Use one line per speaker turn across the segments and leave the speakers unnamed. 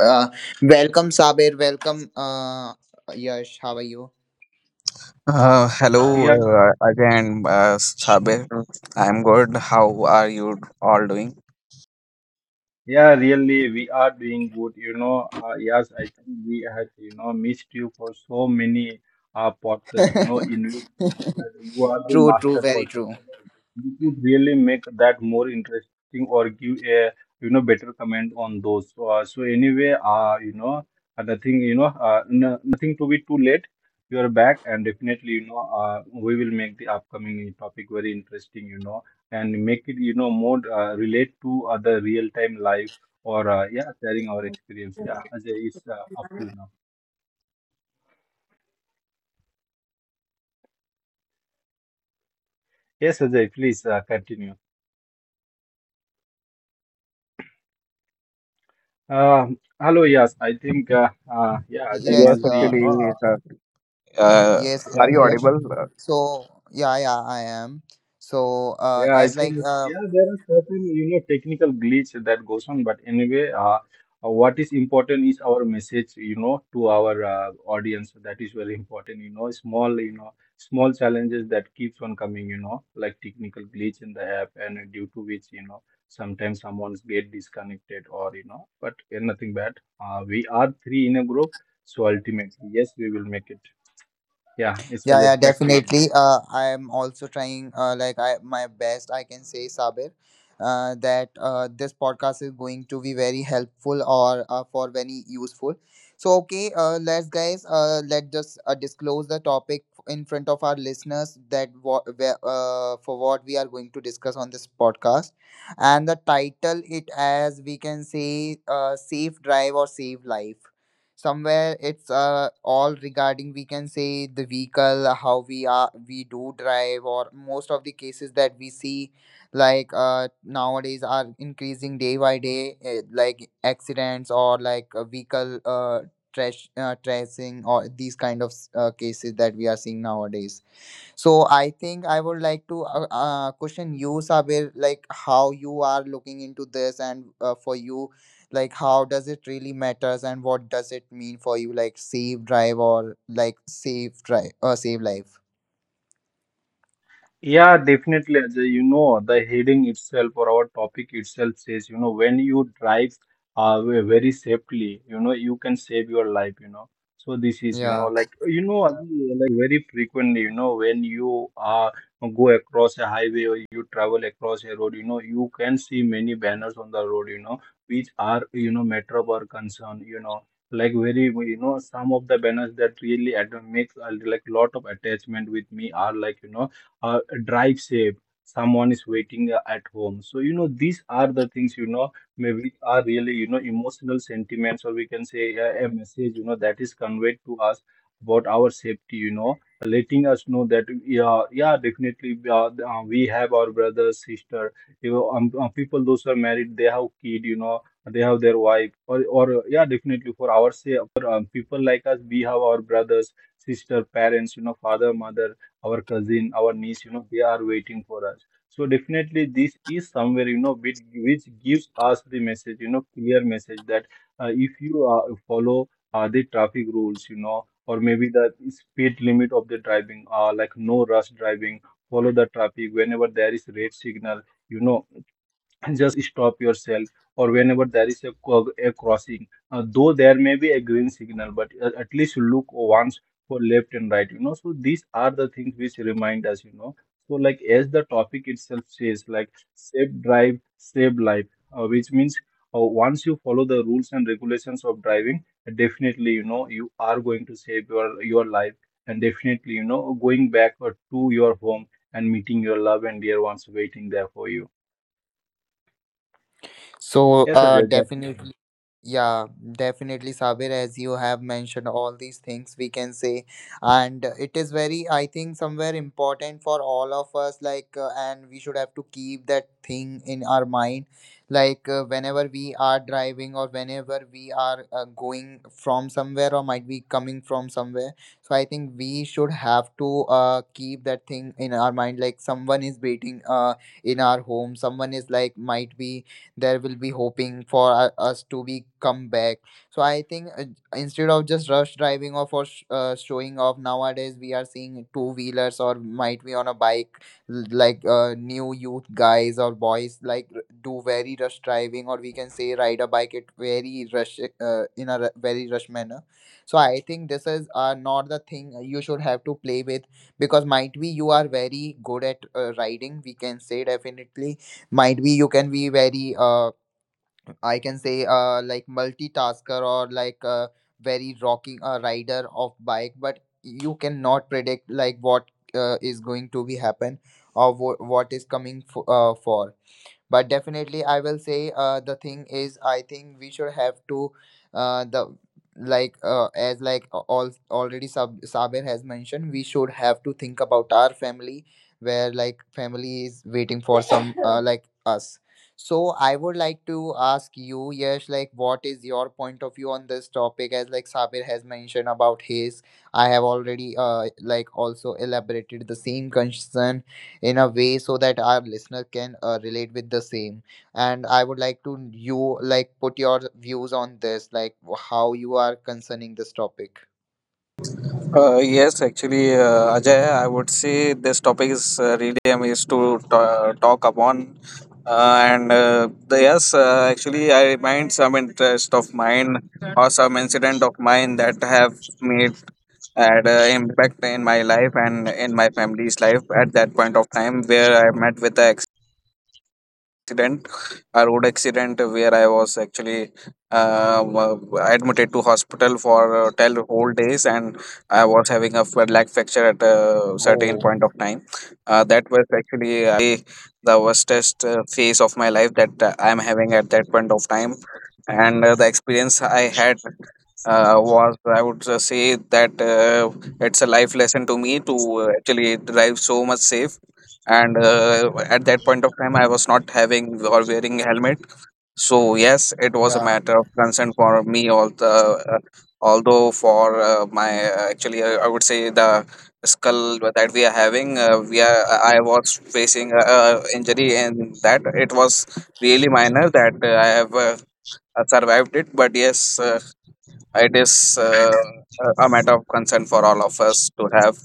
welcome Sabir. Welcome, Yash. How are you?
Uh, hello
Yeah,
uh, again, Sabir. I'm good. How are you all doing?
yeah, really, we are doing good. Yes, I think we had missed you for so many podcasts, in which you are the
True, true,
master
very
person.
true.
You could really make that more interesting or give a better comment on those. So anyway, nothing, no, nothing to be too late. You are back, and definitely, we will make the upcoming topic very interesting. And make it more relate to other real time life, or yeah, sharing our experience. Yeah, Ajay is up to you now. Yes, Ajay, please continue. um Hello. Yes, I think yeah, Ajay
Yes,
must
Yes,
be,
actually, uh,
yes,
uh,
are you
yes.
audible?
So yeah, yeah, I am. So
yeah, I
as
think,
like
yeah, there are certain technical glitch that goes on, but anyway, what is important is our message, to our audience. That is very important, Small, small challenges that keeps on coming, like technical glitch in the app, and due to which, sometimes someone's get disconnected, or but nothing bad. We are three in a group, so ultimately, yes, we will make it. Yeah, it's
Yeah,
Ajay,
yeah,
back to you.
definitely. I am also trying, like I my best I can say, Sabir, that this podcast is going to be very helpful or for very useful. So okay, let's guys, let just disclose the topic in front of our listeners that what for what we are going to discuss on this podcast, and the title it as we can say, safe drive or save life. Somewhere it's all regarding we can say the vehicle how we do drive, or most of the cases that we see like nowadays are increasing day by day, like accidents or like a vehicle trash tracing or these kind of cases that we are seeing nowadays. So I think I would like to question you, Sabir, like how you are looking into this, and for you, like how does it really matters, and what does it mean for you, like save drive or like save drive or save life.
Yeah, definitely, Ajay. You know, the heading itself or our topic itself says, when you drive very safely, you can save your life, So this is,
Yeah.
Ajay, very frequently, when you go across a highway, or you travel across a road, you can see many banners on the road, which are, matter of concern, Like very, some of the banners that really makes like lot of attachment with me are like, drive safe, someone is waiting at home. So these are the things, maybe are really, emotional sentiments, or we can say a message, that is conveyed to us about our safety, letting us know that yeah, yeah, definitely, we have our brother, sister, people those who are married, they have kid, they have their wife, or yeah, definitely for our say for people like us, we have our brothers, sister, parents, father, mother, our cousin, our niece, they are waiting for us. So definitely this is somewhere, which gives us the message, clear message that if you follow the traffic rules, or maybe the speed limit of the driving, like no rush driving, follow the traffic whenever there is red signal, you know, just stop yourself, or whenever there is a crossing, though there may be a green signal, but at least look once for left and right, so these are the things which remind us, so like as the topic itself says, like safe drive, save life, which means, once you follow the rules and regulations of driving, definitely, you are going to save your life and definitely, going back to your home and meeting your love and dear ones waiting there for you.
So
Yes, I did. That.
definitely. Yeah, definitely, Sabir, as you have mentioned all these things we can say, and it is very, I think, somewhere important for all of us, like, and we should have to keep that thing in our mind, like, whenever we are driving or whenever we are going from somewhere or might be coming from somewhere. So I think we should have to keep that thing in our mind, like someone is waiting in our home, someone is like might be there will be hoping for us to be come back. So I think instead of just rush driving or for showing off nowadays we are seeing two wheelers or might be on a bike like new youth guys or boys like do very rush driving, or we can say ride a bike at very rush in a very rush manner. So I think this is not the thing you should have to play with, because might be you are very good at riding, we can say definitely might be you can be very I can say like multitasker, or like very rocking a rider of bike, but you cannot predict like what is going to be happen or what is coming for. But definitely I will say the thing is I think we should have to the like as like all already Sabir has mentioned, we should have to think about our family, where like family is waiting for some like us. So I would like to ask you, Yes, like what is your point of view on this topic, as like Sabir has mentioned about his. I have already like also elaborated the same concern in a way, so that our listener can relate with the same, and I would like to you like put your views on this, like how you are concerning this topic.
Yes, actually, Ajay, I would say this topic is really amazed to ta talk upon. Actually, I remind some interest of mine or some incident of mine that have made had an impact in my life and in my family's life at that point of time where I met with the accident, a road accident, where I was actually uh, wa- admitted to hospital for 10 whole days and I was having a leg fracture. At a certain
Oh
point of time, that was actually I the worstest phase of my life that I'm having at that point of time, and the experience I had was, I would say that it's a life lesson to me to actually drive so much safe. And at that point of time, I was not having or wearing helmet. So yes, it was a
yeah,
matter of concern for me. All the, although for my actually, I would say the skull that we are having, we are I was facing a injury, and that it was really minor that I have survived it. But yes, it is a matter of concern for all of us to have.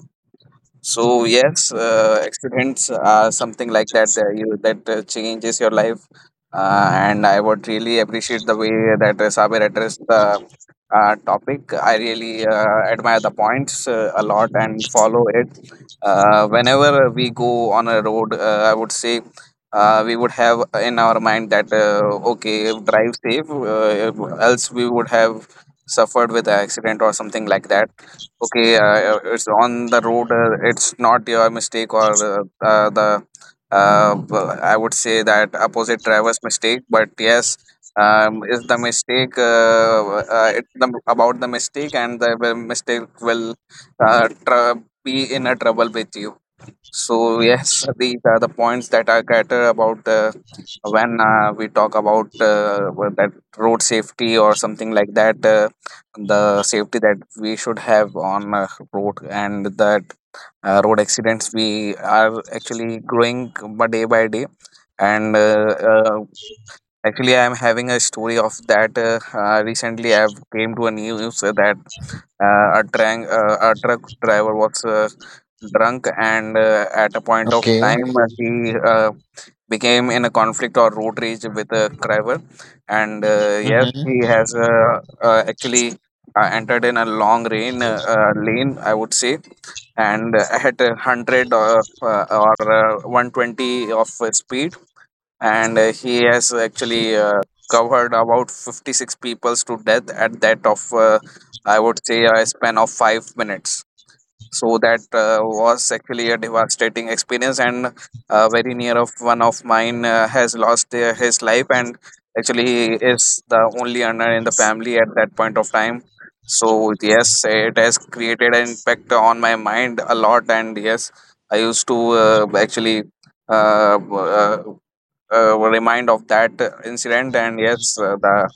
So yes, accidents are something like that changes your life, and I would really appreciate the way that Sabir addressed the topic. I really admire the points a lot and follow it. Whenever we go on a road, I would say we would have in our mind that okay, drive safe, else we would have suffered with an accident or something like that. Okay, it's on the road, it's not your mistake or I would say that opposite driver's mistake. But yes, is the mistake, about the mistake, and the mistake will uh, tr- be in a trouble with you. So yes, these are the points that I cater about the when we talk about what that road safety or something like that, the safety that we should have on road, and that road accidents we are actually growing by day by day. And actually, I am having a story of that. Recently, I've came to a news that a truck driver was drunk, and at a point of
okay.
time he became in a conflict or road rage with a car driver. And yes, he
Mm-hmm.
has actually entered in a long rain, lane I would say, and at a 100 or, 120 of speed, and he has actually covered about 56 peoples to death at that of I would say a span of 5 minutes. So that was actually a devastating experience, and very near of one of mine has lost his life, and actually he is the only earner in the family at that point of time. So yes, it has created an impact on my mind a lot, and yes, I used to actually uh, uh, remind of that incident, and yes,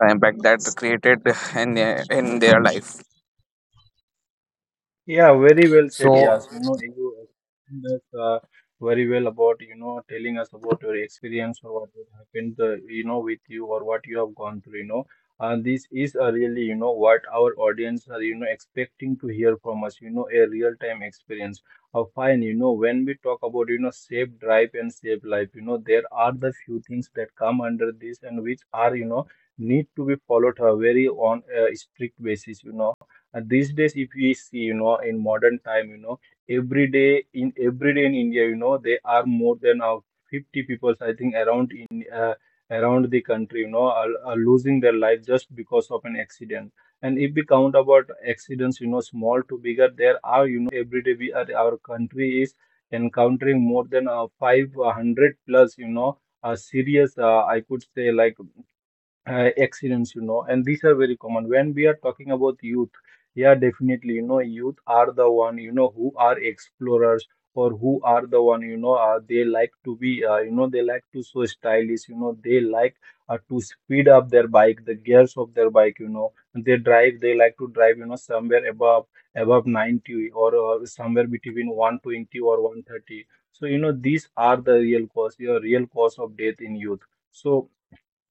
the impact that created in, in their life.
Yeah, very well said,
so
Yas. You know, you explained us very well about, telling us about your experience, or what has happened, you know, with you, or what you have gone through, And this is a really, what our audience are, expecting to hear from us, a real-time experience. Fine, when we talk about, safe drive and safe life, there are the few things that come under this, and which are, need to be followed very on a strict basis, and these days, if we see, in modern time, every day in India, there are more than 50 people, I think, around the country, are losing their life just because of an accident. And if we count about accidents, small to bigger, there are, every day we are our country is encountering more than 500 plus, serious, I could say, like accidents, and these are very common when we are talking about youth. Yeah, definitely, youth are the one, who are explorers, or who are the one, they like to be, they like to so stylish, they like to speed up their bike, the gears of their bike, they drive, they like to drive, somewhere above 90, or somewhere between 120 or 130. So these are the real cause, your real cause of death in youth. So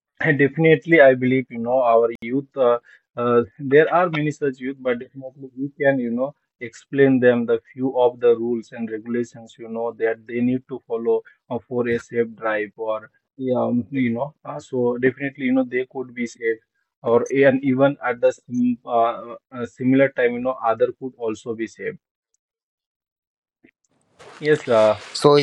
and definitely, I believe, our youth, there are many such youth, but definitely we can, explain them the few of the rules and regulations, that they need to follow for a safe drive, or, you know, so definitely, they could be safe, or and even at the similar time, other could also be safe. Yes,
so,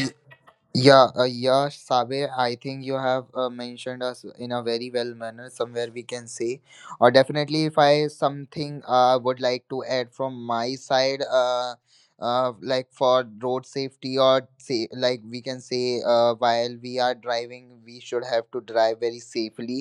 Yeah, yeah, Sabe, I think you have mentioned us in a very well manner, somewhere we can say. Or definitely, if I something would like to add from my side, like for road safety, or say, like we can say, while we are driving, we should have to drive very safely,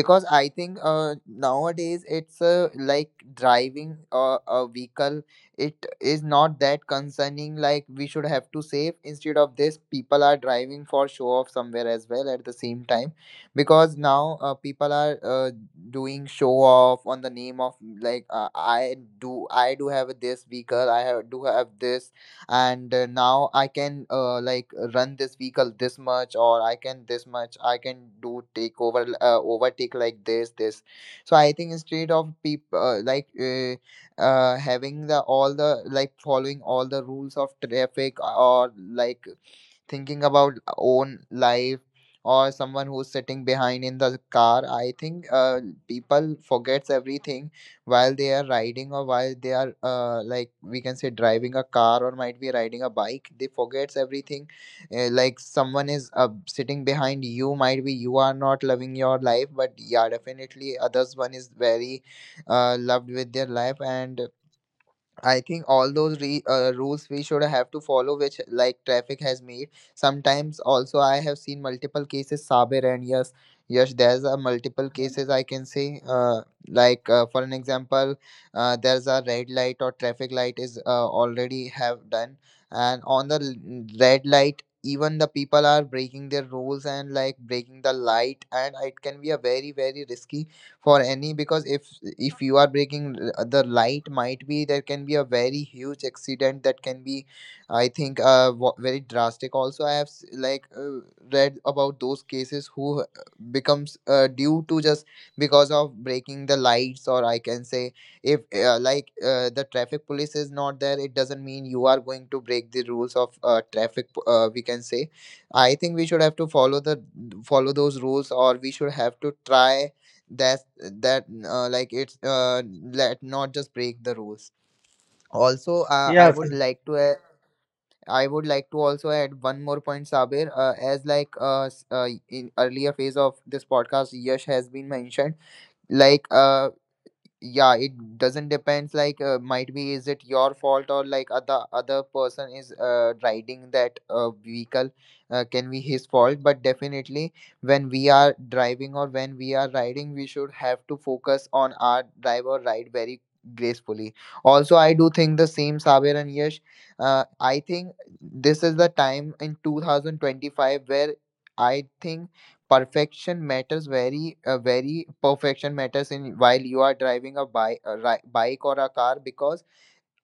because I think nowadays it's like driving a vehicle, it is not that concerning like we should have to save. Instead of this, people are driving for show off somewhere as well at the same time, because now people are doing show off on the name of like I do have this vehicle, I have, do have this, and now I can like run this vehicle this much, or I can this much I can do take over overtake like this. So I think instead of people having the all the like following all the rules of traffic, or like thinking about own life or someone who's sitting behind in the car, I think people forgets everything while they are riding, or while they are like we can say driving a car or might be riding a bike, they forgets everything. Like someone is sitting behind you, might be you are not loving your life, but yeah definitely others one is very loved with their life. And I think all those rules we should have to follow, which like traffic has made. Sometimes also I have seen multiple cases, Sabir. And yes, yes, there's a multiple cases I can say. Like for an example, there's a red light or traffic light is already have done, and on the red light, even the people are breaking their rules and like breaking the light, and it can be a very very risky for any. Because if you are breaking the light, might be there can be a very huge accident that can be, I think very drastic. Also I have like read about those cases who becomes due to just because of breaking the lights. Or I can say if like the traffic police is not there, it doesn't mean you are going to break the rules of traffic we can say. I think we should have to follow the follow those rules, or we should have to try that that like it's let not just break the rules. Also I
yeah,
would like to add, I would like to also add one more point, Sabir, as like in earlier phase of this podcast, Yash has been mentioned, like yeah it doesn't depends like might be is it your fault, or like other person is riding that vehicle, can be his fault. But definitely when we are driving or when we are riding, we should have to focus on our drive or ride very gracefully. Also I do think the same, Sabir and Yash, I think this is the time in 2025, where I think perfection matters very very perfection matters in while you are driving a bike, a bike or a car. Because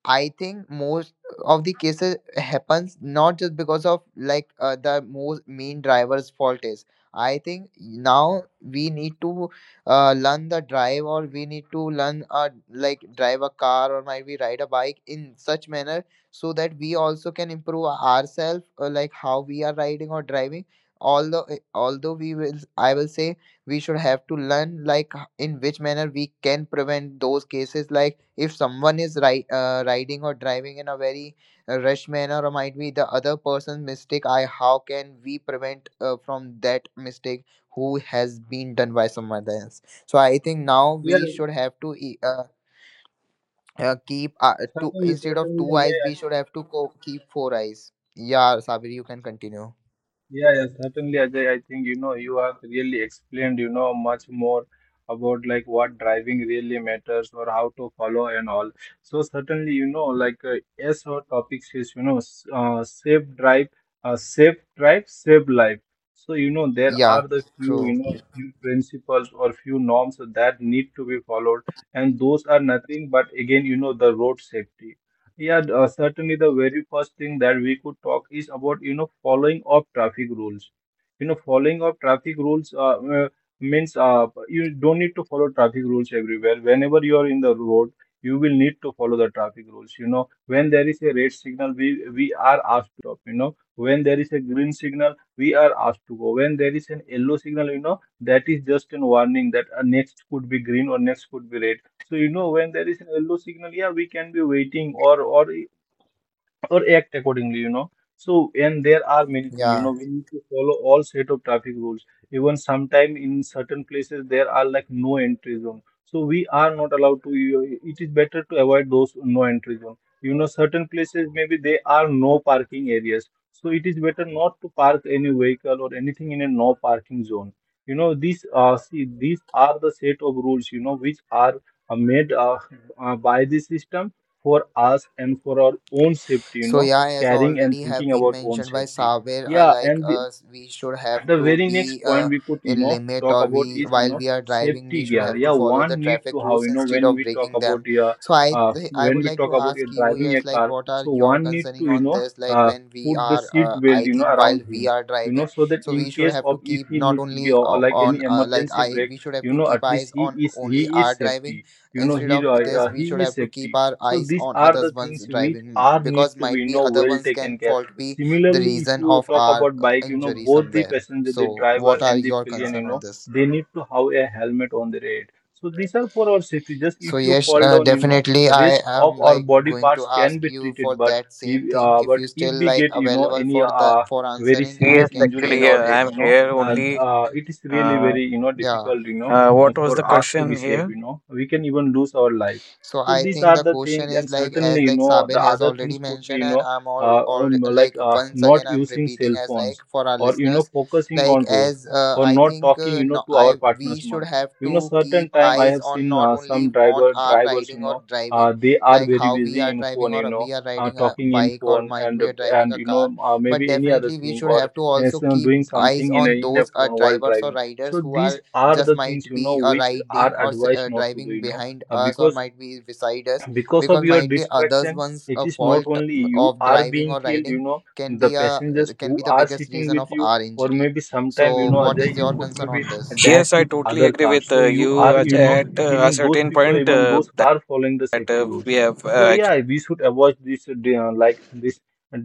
I think most of the cases happens not just because of like the most main driver's fault is. I think now we need to learn the drive, or we need to learn like drive a car or might we ride a bike in such manner, so that we also can improve ourselves like how we are riding or driving. Although we will I will say we should have to learn like in which manner we can prevent those cases. Like if someone is riding or driving in a very rushed manner, or might be the other person's mistake, I how can we prevent from that mistake who has been done by someone else? So I think now
yeah,
we should have to keep two,
certainly,
instead of
certainly.
two eyes, we
Yeah,
should have to keep four eyes. Yeah, Sabir, you can continue.
yeah, yeah, certainly, Ajay. I think, you have really explained, much more about like what driving really matters, or how to follow and all. So certainly, like yes, our topic is, safe drive, save life. So there
Yeah,
are the few,
true.
few principles or few norms that need to be followed, and those are nothing but again, the road safety. Yeah, certainly the very first thing that we could talk is about, following of traffic rules. You know, following of traffic rules means you don't need to follow traffic rules everywhere. Whenever you are in the road, you will need to follow the traffic rules. You know, when there is a red signal, we are asked to stop. You know, when there is a green signal, we are asked to go. When there is an yellow signal, that is just a warning that next could be green or next could be red, so when there is an yellow signal, yeah, we can be waiting, or act accordingly, So, and there are many things,
Yeah.
we need to follow all set of traffic rules. Even sometime in certain places, there are like no entry zone. So we are not allowed to, it is better to avoid those no entry zone. You know, certain places, maybe they are no parking areas. So it is better not to park any vehicle or anything in a no parking zone. You know, these, see, these are the set of rules, which are made by the system for us and for our own safety,
So yeah, as
caring and
already have
thinking
been
about own
mentioned by
safety,
Sabir,
yeah,
like
and the
we should have
the
to
very next
be
point we could,
in limit,
talk
or
about
we
is,
while we are driving, we
safety
should
gear.
have to
Yeah,
follow the
one need
traffic
to have,
rules instead
when
of
we talk
breaking them.
about your
So I
when
would
we
like
talk
to
about your
ask you,
driving a
Yes, like
car,
what are
so
your
one need
concerning
to,
on this? Like
uh,
when we
put the
are,
seat belt,
I think
around
while we
him,
are driving,
so that
so
in
we should
case
have
of
to
if
keep
he
not
need to
only
go, or like
on
any
like
emergency
I
break,
we should have to keep
at least
eyes
he
on
is he
only our
is
driving.
safety,
Instead
he,
of this, we
he
should
is
have to keep
safety,
our
so
eyes
these
on
are
others
the
ones
things which
driving,
are need
because
to be,
might be other
well
ones can
taken care.
fault be the
Similarly, if
reason
you
of
talk
our
about bike,
injury
both the
somewhere.
passenger, the
So
driver
what are
and the
your
pillion,
concern on this?
they need to have a helmet on their head. So these are for our safety. Just
So
if you
yes,
fall down,
definitely I
rest
am
of our
like
body
going to
parts can
ask
be
you for
treated,
that same thing if
but
you still
if we
like
get,
available
any
for the for
very
answering. I
Yes,
serious
can
injury in
actually,
our
yeah,
hearing you.
head,
I'm here only.
it is really
Uh,
very,
Yeah.
difficult,
what was
for
the
us to be
question
safe,
here?
We can even lose our life.
So
So
I
these
think
are
the
the
question
things,
is
and
like,
certainly,
as like Sabir
the
has
other things
already
could be,
mentioned, and I'm all like once again
not
I'm
using
repeating,
cell
as like
phones,
for our
or
listeners,
focusing
like
on road,
as
or
I
not
think,
talking
no,
to
I
our
we
partners
should
much.
have
you know
to keep
certain time I
eyes
have
on
seen
not only
some
on our
drivers. you
riding or
know
driving,
uh, they are
like
very
how we
busy
are
in
driving
phone,
or we are riding a
talking in
bike, or
phone,
might
and
we are driving
and
a car, but
maybe any other
definitely we
thing,
should
or
have to also
yes,
keep
doing
eyes
something
on
in a
those
phone while
drivers or
driving.
riders
So
who are
these are
just
the things
might be
which are
riding or
advised not to do,
driving behind
uh,
us or
because
might be beside us,
because of
because
your
might be others
distraction.
one's
It is not
fault
only you
of
are
driving
being
or
killed,
riding can
the
be a uh,
passengers
can be
who
the
are
biggest
sitting
reason
with
of
you,
our
or
injury.
maybe sometime,
So what
Ajay,
is
you
your
could
concern
maybe
on this?
dash
Yes, I
with
totally
other
agree
cars,
with
so you
you,
are,
Ajay. At a
killing those
certain
people,
point,
even those are following the
that
safety
we
rules.
have
So yeah, we should avoid like this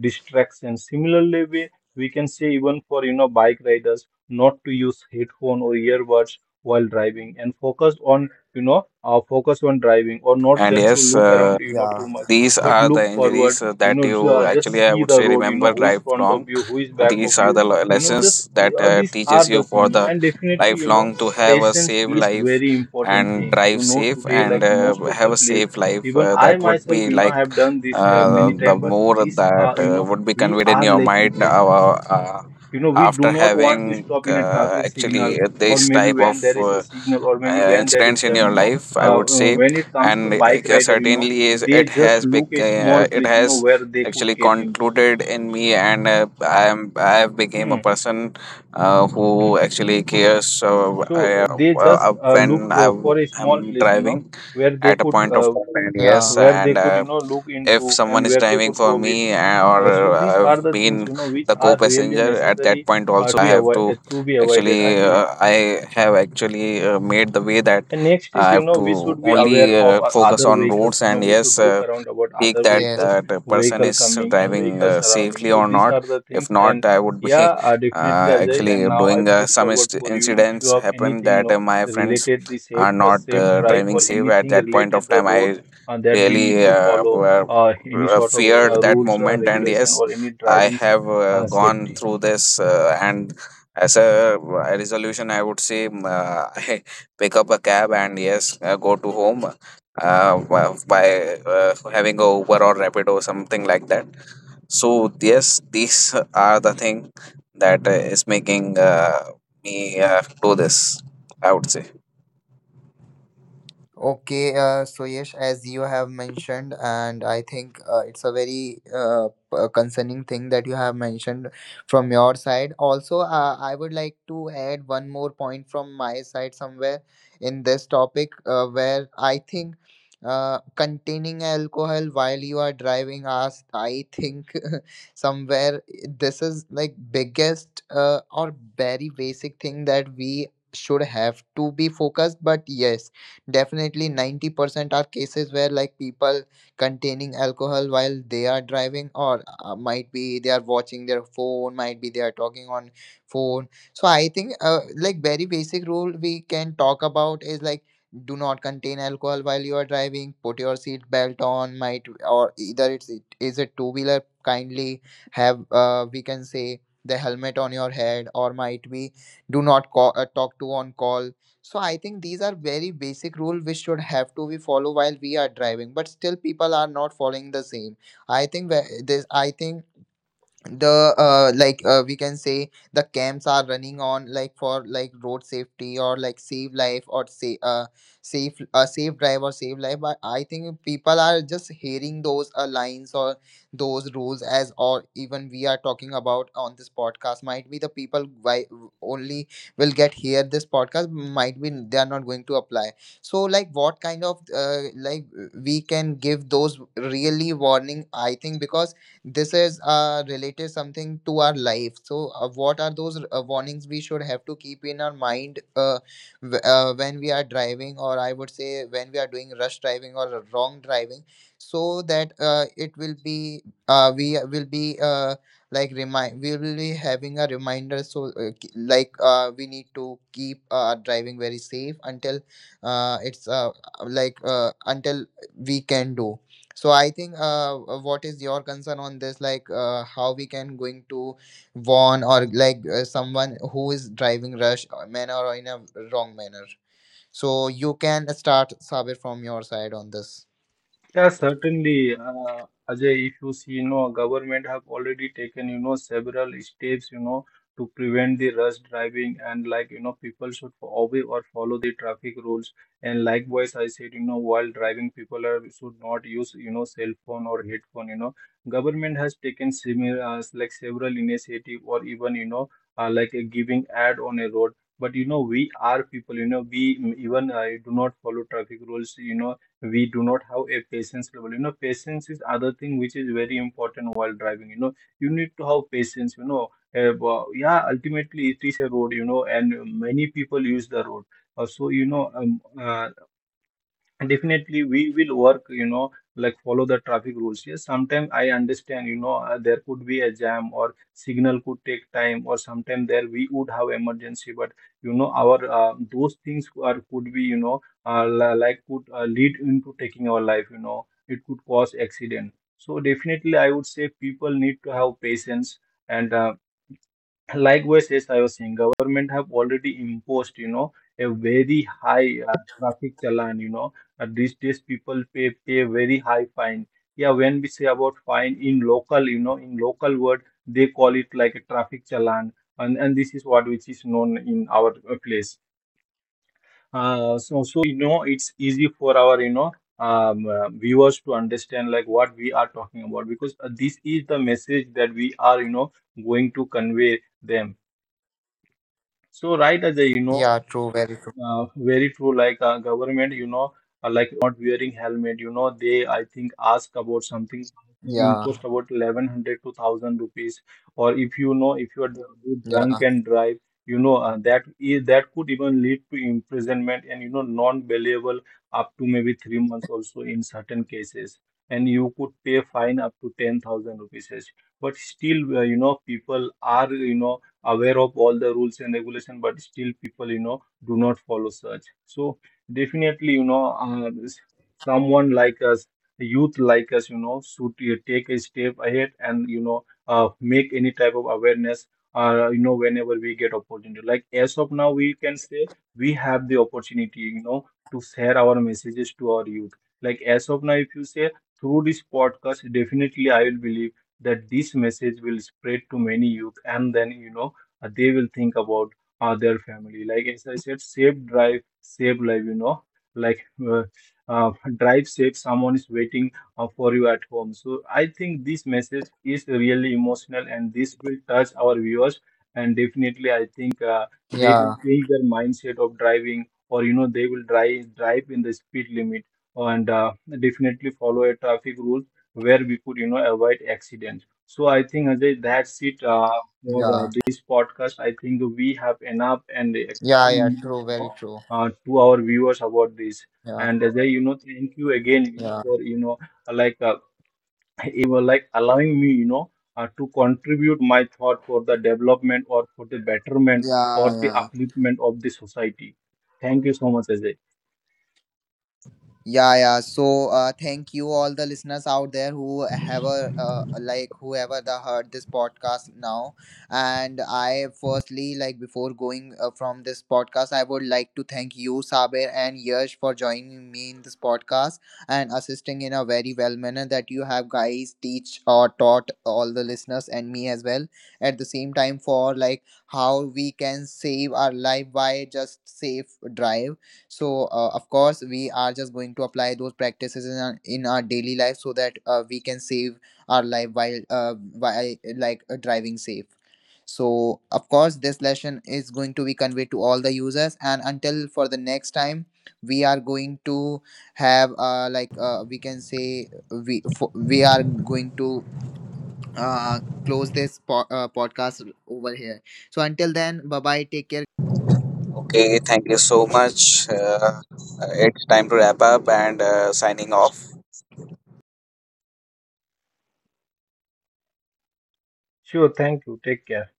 distraction. Similarly, we can say, even for bike riders, not to use headphone or earbuds while driving, and focus on driving, or not
And
just to
yes,
look around too
Yeah,
much,
these
but
are
look
the
forward,
injuries that you
just
actually, I
see
would
the
say,
road,
remember
who is front of
lifelong.
you, who is back of
These are
you.
the
you know just
lessons that
uh, these are
teaches
the
you for
thing.
the
And definitely,
lifelong to have a
patience
safe
is
life
very important
and
thing,
drive safe
today.
and
Like most of the
have a
place,
safe life.
even I
That would
myself,
be like
have done this many
the
time. But
more
these
that
are,
would be
we
conveyed in
are
your
lacking
mind,
patience. We do
After
not want to
having
stop in a traffic signal,
actually
or
this
maybe
type of
when there is a signal, or maybe when there is
incidents in
jam.
your
you know
life, I
uh,
would
uh,
say.
when it comes to
And
bike rider,
certainly is
they
it
just
has
look a small
it
place
has
where they could
actually
get into.
concluded in me, and I have became a
Hmm.
person who actually cares. So
So
I,
they just look
when I
for a small
am
place
driving
where they
at a
could,
point of time, and
yeah,
yes, and
look
if
into,
someone
and
is
where they
driving
could
for
go with.
me or
So these
I've
are the things,
been
which
the
are really
co-passenger at that
necessary,
point also, I have to
to be avoided, I
actually
believe.
I have actually made the way that
And next is,
I have
we
to
should be aware
only
of our
focus
other
on
vehicles.
roads,
You know,
and
we should
yes,
look around about
take
other
that
yes.
vehicles,
the person
vehicle
is
coming and
driving
vehicle surrounding.
safely
So
or
these
not.
are the
If
things. And
not, I would be
yeah, definitely, Ajay. And
actually
now I
doing
put
some
forward for you, if you
incidents
have
happen
anything,
that my friends
related the
are not
safe drive,
driving
or
safe at
anything
that point
related
of
the
time,
road,
I
that we need
really
to follow, any sort of
feared that
rules,
moment, and
regulation,
yes,
or any
I
driving
have gone
safety.
through this, and as a resolution I would say, I pick up a cab and yes, go to home by having a Uber or Rapid or something like that. So yes, these are the thing that is making me do this, I would say.
Okay, so yes, as you have mentioned, and I think it's a very concerning thing that you have mentioned from your side. Also, I would like to add one more point from my side somewhere in this topic, where I think containing alcohol while you are driving us, I think somewhere this is like biggest or very basic thing that we should have to be focused. But yes, definitely 90% are cases where like people containing alcohol while they are driving, or might be they are watching their phone, might be they are talking on phone. So I think, like very basic rule we can talk about is like, do not contain alcohol while you are driving, put your seat belt on, might or either it is a two wheeler, kindly have we can say the helmet on your head, or might be do not call, talk to on call. So I think these are very basic rules which should have to be followed while we are driving, but still people are not following the same. I think where- this I think the like we can say the camps are running on like for like road safety, or like save life, or say safe safe drive or save life. But I think people are just hearing those lines or those rules, as or even we are talking about on this podcast, might be the people why only will get hear this podcast, might be they are not going to apply. So like what kind of like we can give those really warning, I think, because this is related something to our life. So what are those warnings we should have to keep in our mind, when we are driving, or I would say when we are doing rush driving or wrong driving, so that it will be uh, we will be uh, we will be having a reminder. So we need to keep our driving very safe until it's until we can do. So I think what is your concern on this? Like how we can going to warn, or like someone who is driving rush manner or in a wrong manner. So you can start, Sabir, from your side on this.
Yeah, certainly, Ajay, if you see, government have already taken, several steps, to prevent the rush driving, and like, people should obey or follow the traffic rules. And likewise, I said, while driving, people are, should not use, cell phone or headphone. Government has taken similar, like several initiative, or even, like a giving ad on a road. But, we are people, we even do not follow traffic rules. We do not have a patience level. Patience is other thing which is very important while driving. You need to have patience. But yeah, ultimately it is a road, and many people use the road. So, definitely we will work, like follow the traffic rules. Yes, sometimes I understand, there could be a jam, or signal could take time, or sometimes there we would have emergency. But, our those things are could be, like could lead into taking our life. It could cause accident. So definitely, I would say people need to have patience. And uh, Likewise, as I was saying, government have already imposed, a very high traffic challan. These days people pay very high fine. Yeah, when we say about fine in local, in local word, they call it like a traffic challan, and this is what which is known in our place. So, it's easy for our viewers to understand like what we are talking about, because this is the message that we are going to convey them. So right, Ajay,
Yeah, true, very true.
very true. Like government, like on not wearing helmet, they I think ask about something
Yeah,
imposed about 1100 to 1000 rupees. Or if, if you are drunk
yeah,
and drive, that could even lead to imprisonment, and, non-bailable up to maybe 3 months also in certain cases. And you could pay fine up to 10,000 rupees. But still, people are aware of all the rules and regulation, but still people do not follow such. So definitely, someone like us, a youth like us, should take a step ahead, and make any type of awareness. Whenever we get opportunity, like as of now, we can say we have the opportunity, to share our messages to our youth. Like as of now, if you say through this podcast, definitely I will believe that this message will spread to many youth, and then they will think about other family. Like as I said, save drive, save life. Like uh, drive safe, someone is waiting for you at home. So I think this message is really emotional, and this will touch our viewers. And definitely, I think they will
yeah,
change their mindset of driving, or, they will drive in the speed limit, and definitely follow a traffic rule, where we could, avoid accidents. So I think, Ajay, that's it for
yeah,
this podcast. I think we have enough and
yeah, yeah.
explain more,
True, very true.
to our viewers about this.
Yeah,
And Ajay, thank you again,
yeah,
for, like you were, like allowing me, to contribute my thought for the development, or for the betterment, or
yeah,
the
yeah.
upliftment of the society. Thank you so much, Ajay.
Yeah, yeah. So, thank you all the listeners out there who have a like whoever the heard this podcast now. And I firstly, like before going from this podcast, I would like to thank you, Saber and Yash, for joining me in this podcast and assisting in a very well manner that you have guys teach or taught all the listeners and me as well. At the same time, for like how we can save our life by just safe drive. So of course we are just going to apply those practices in our daily life, so that we can save our life while driving safe. So of course this lesson is going to be conveyed to all the users, and until for the next time we are going to have we can say we are going to close this podcast over here. So until then, bye bye, take care.
Okay, thank you so much. It's time to wrap up and signing off.
Sure, thank you. Take care.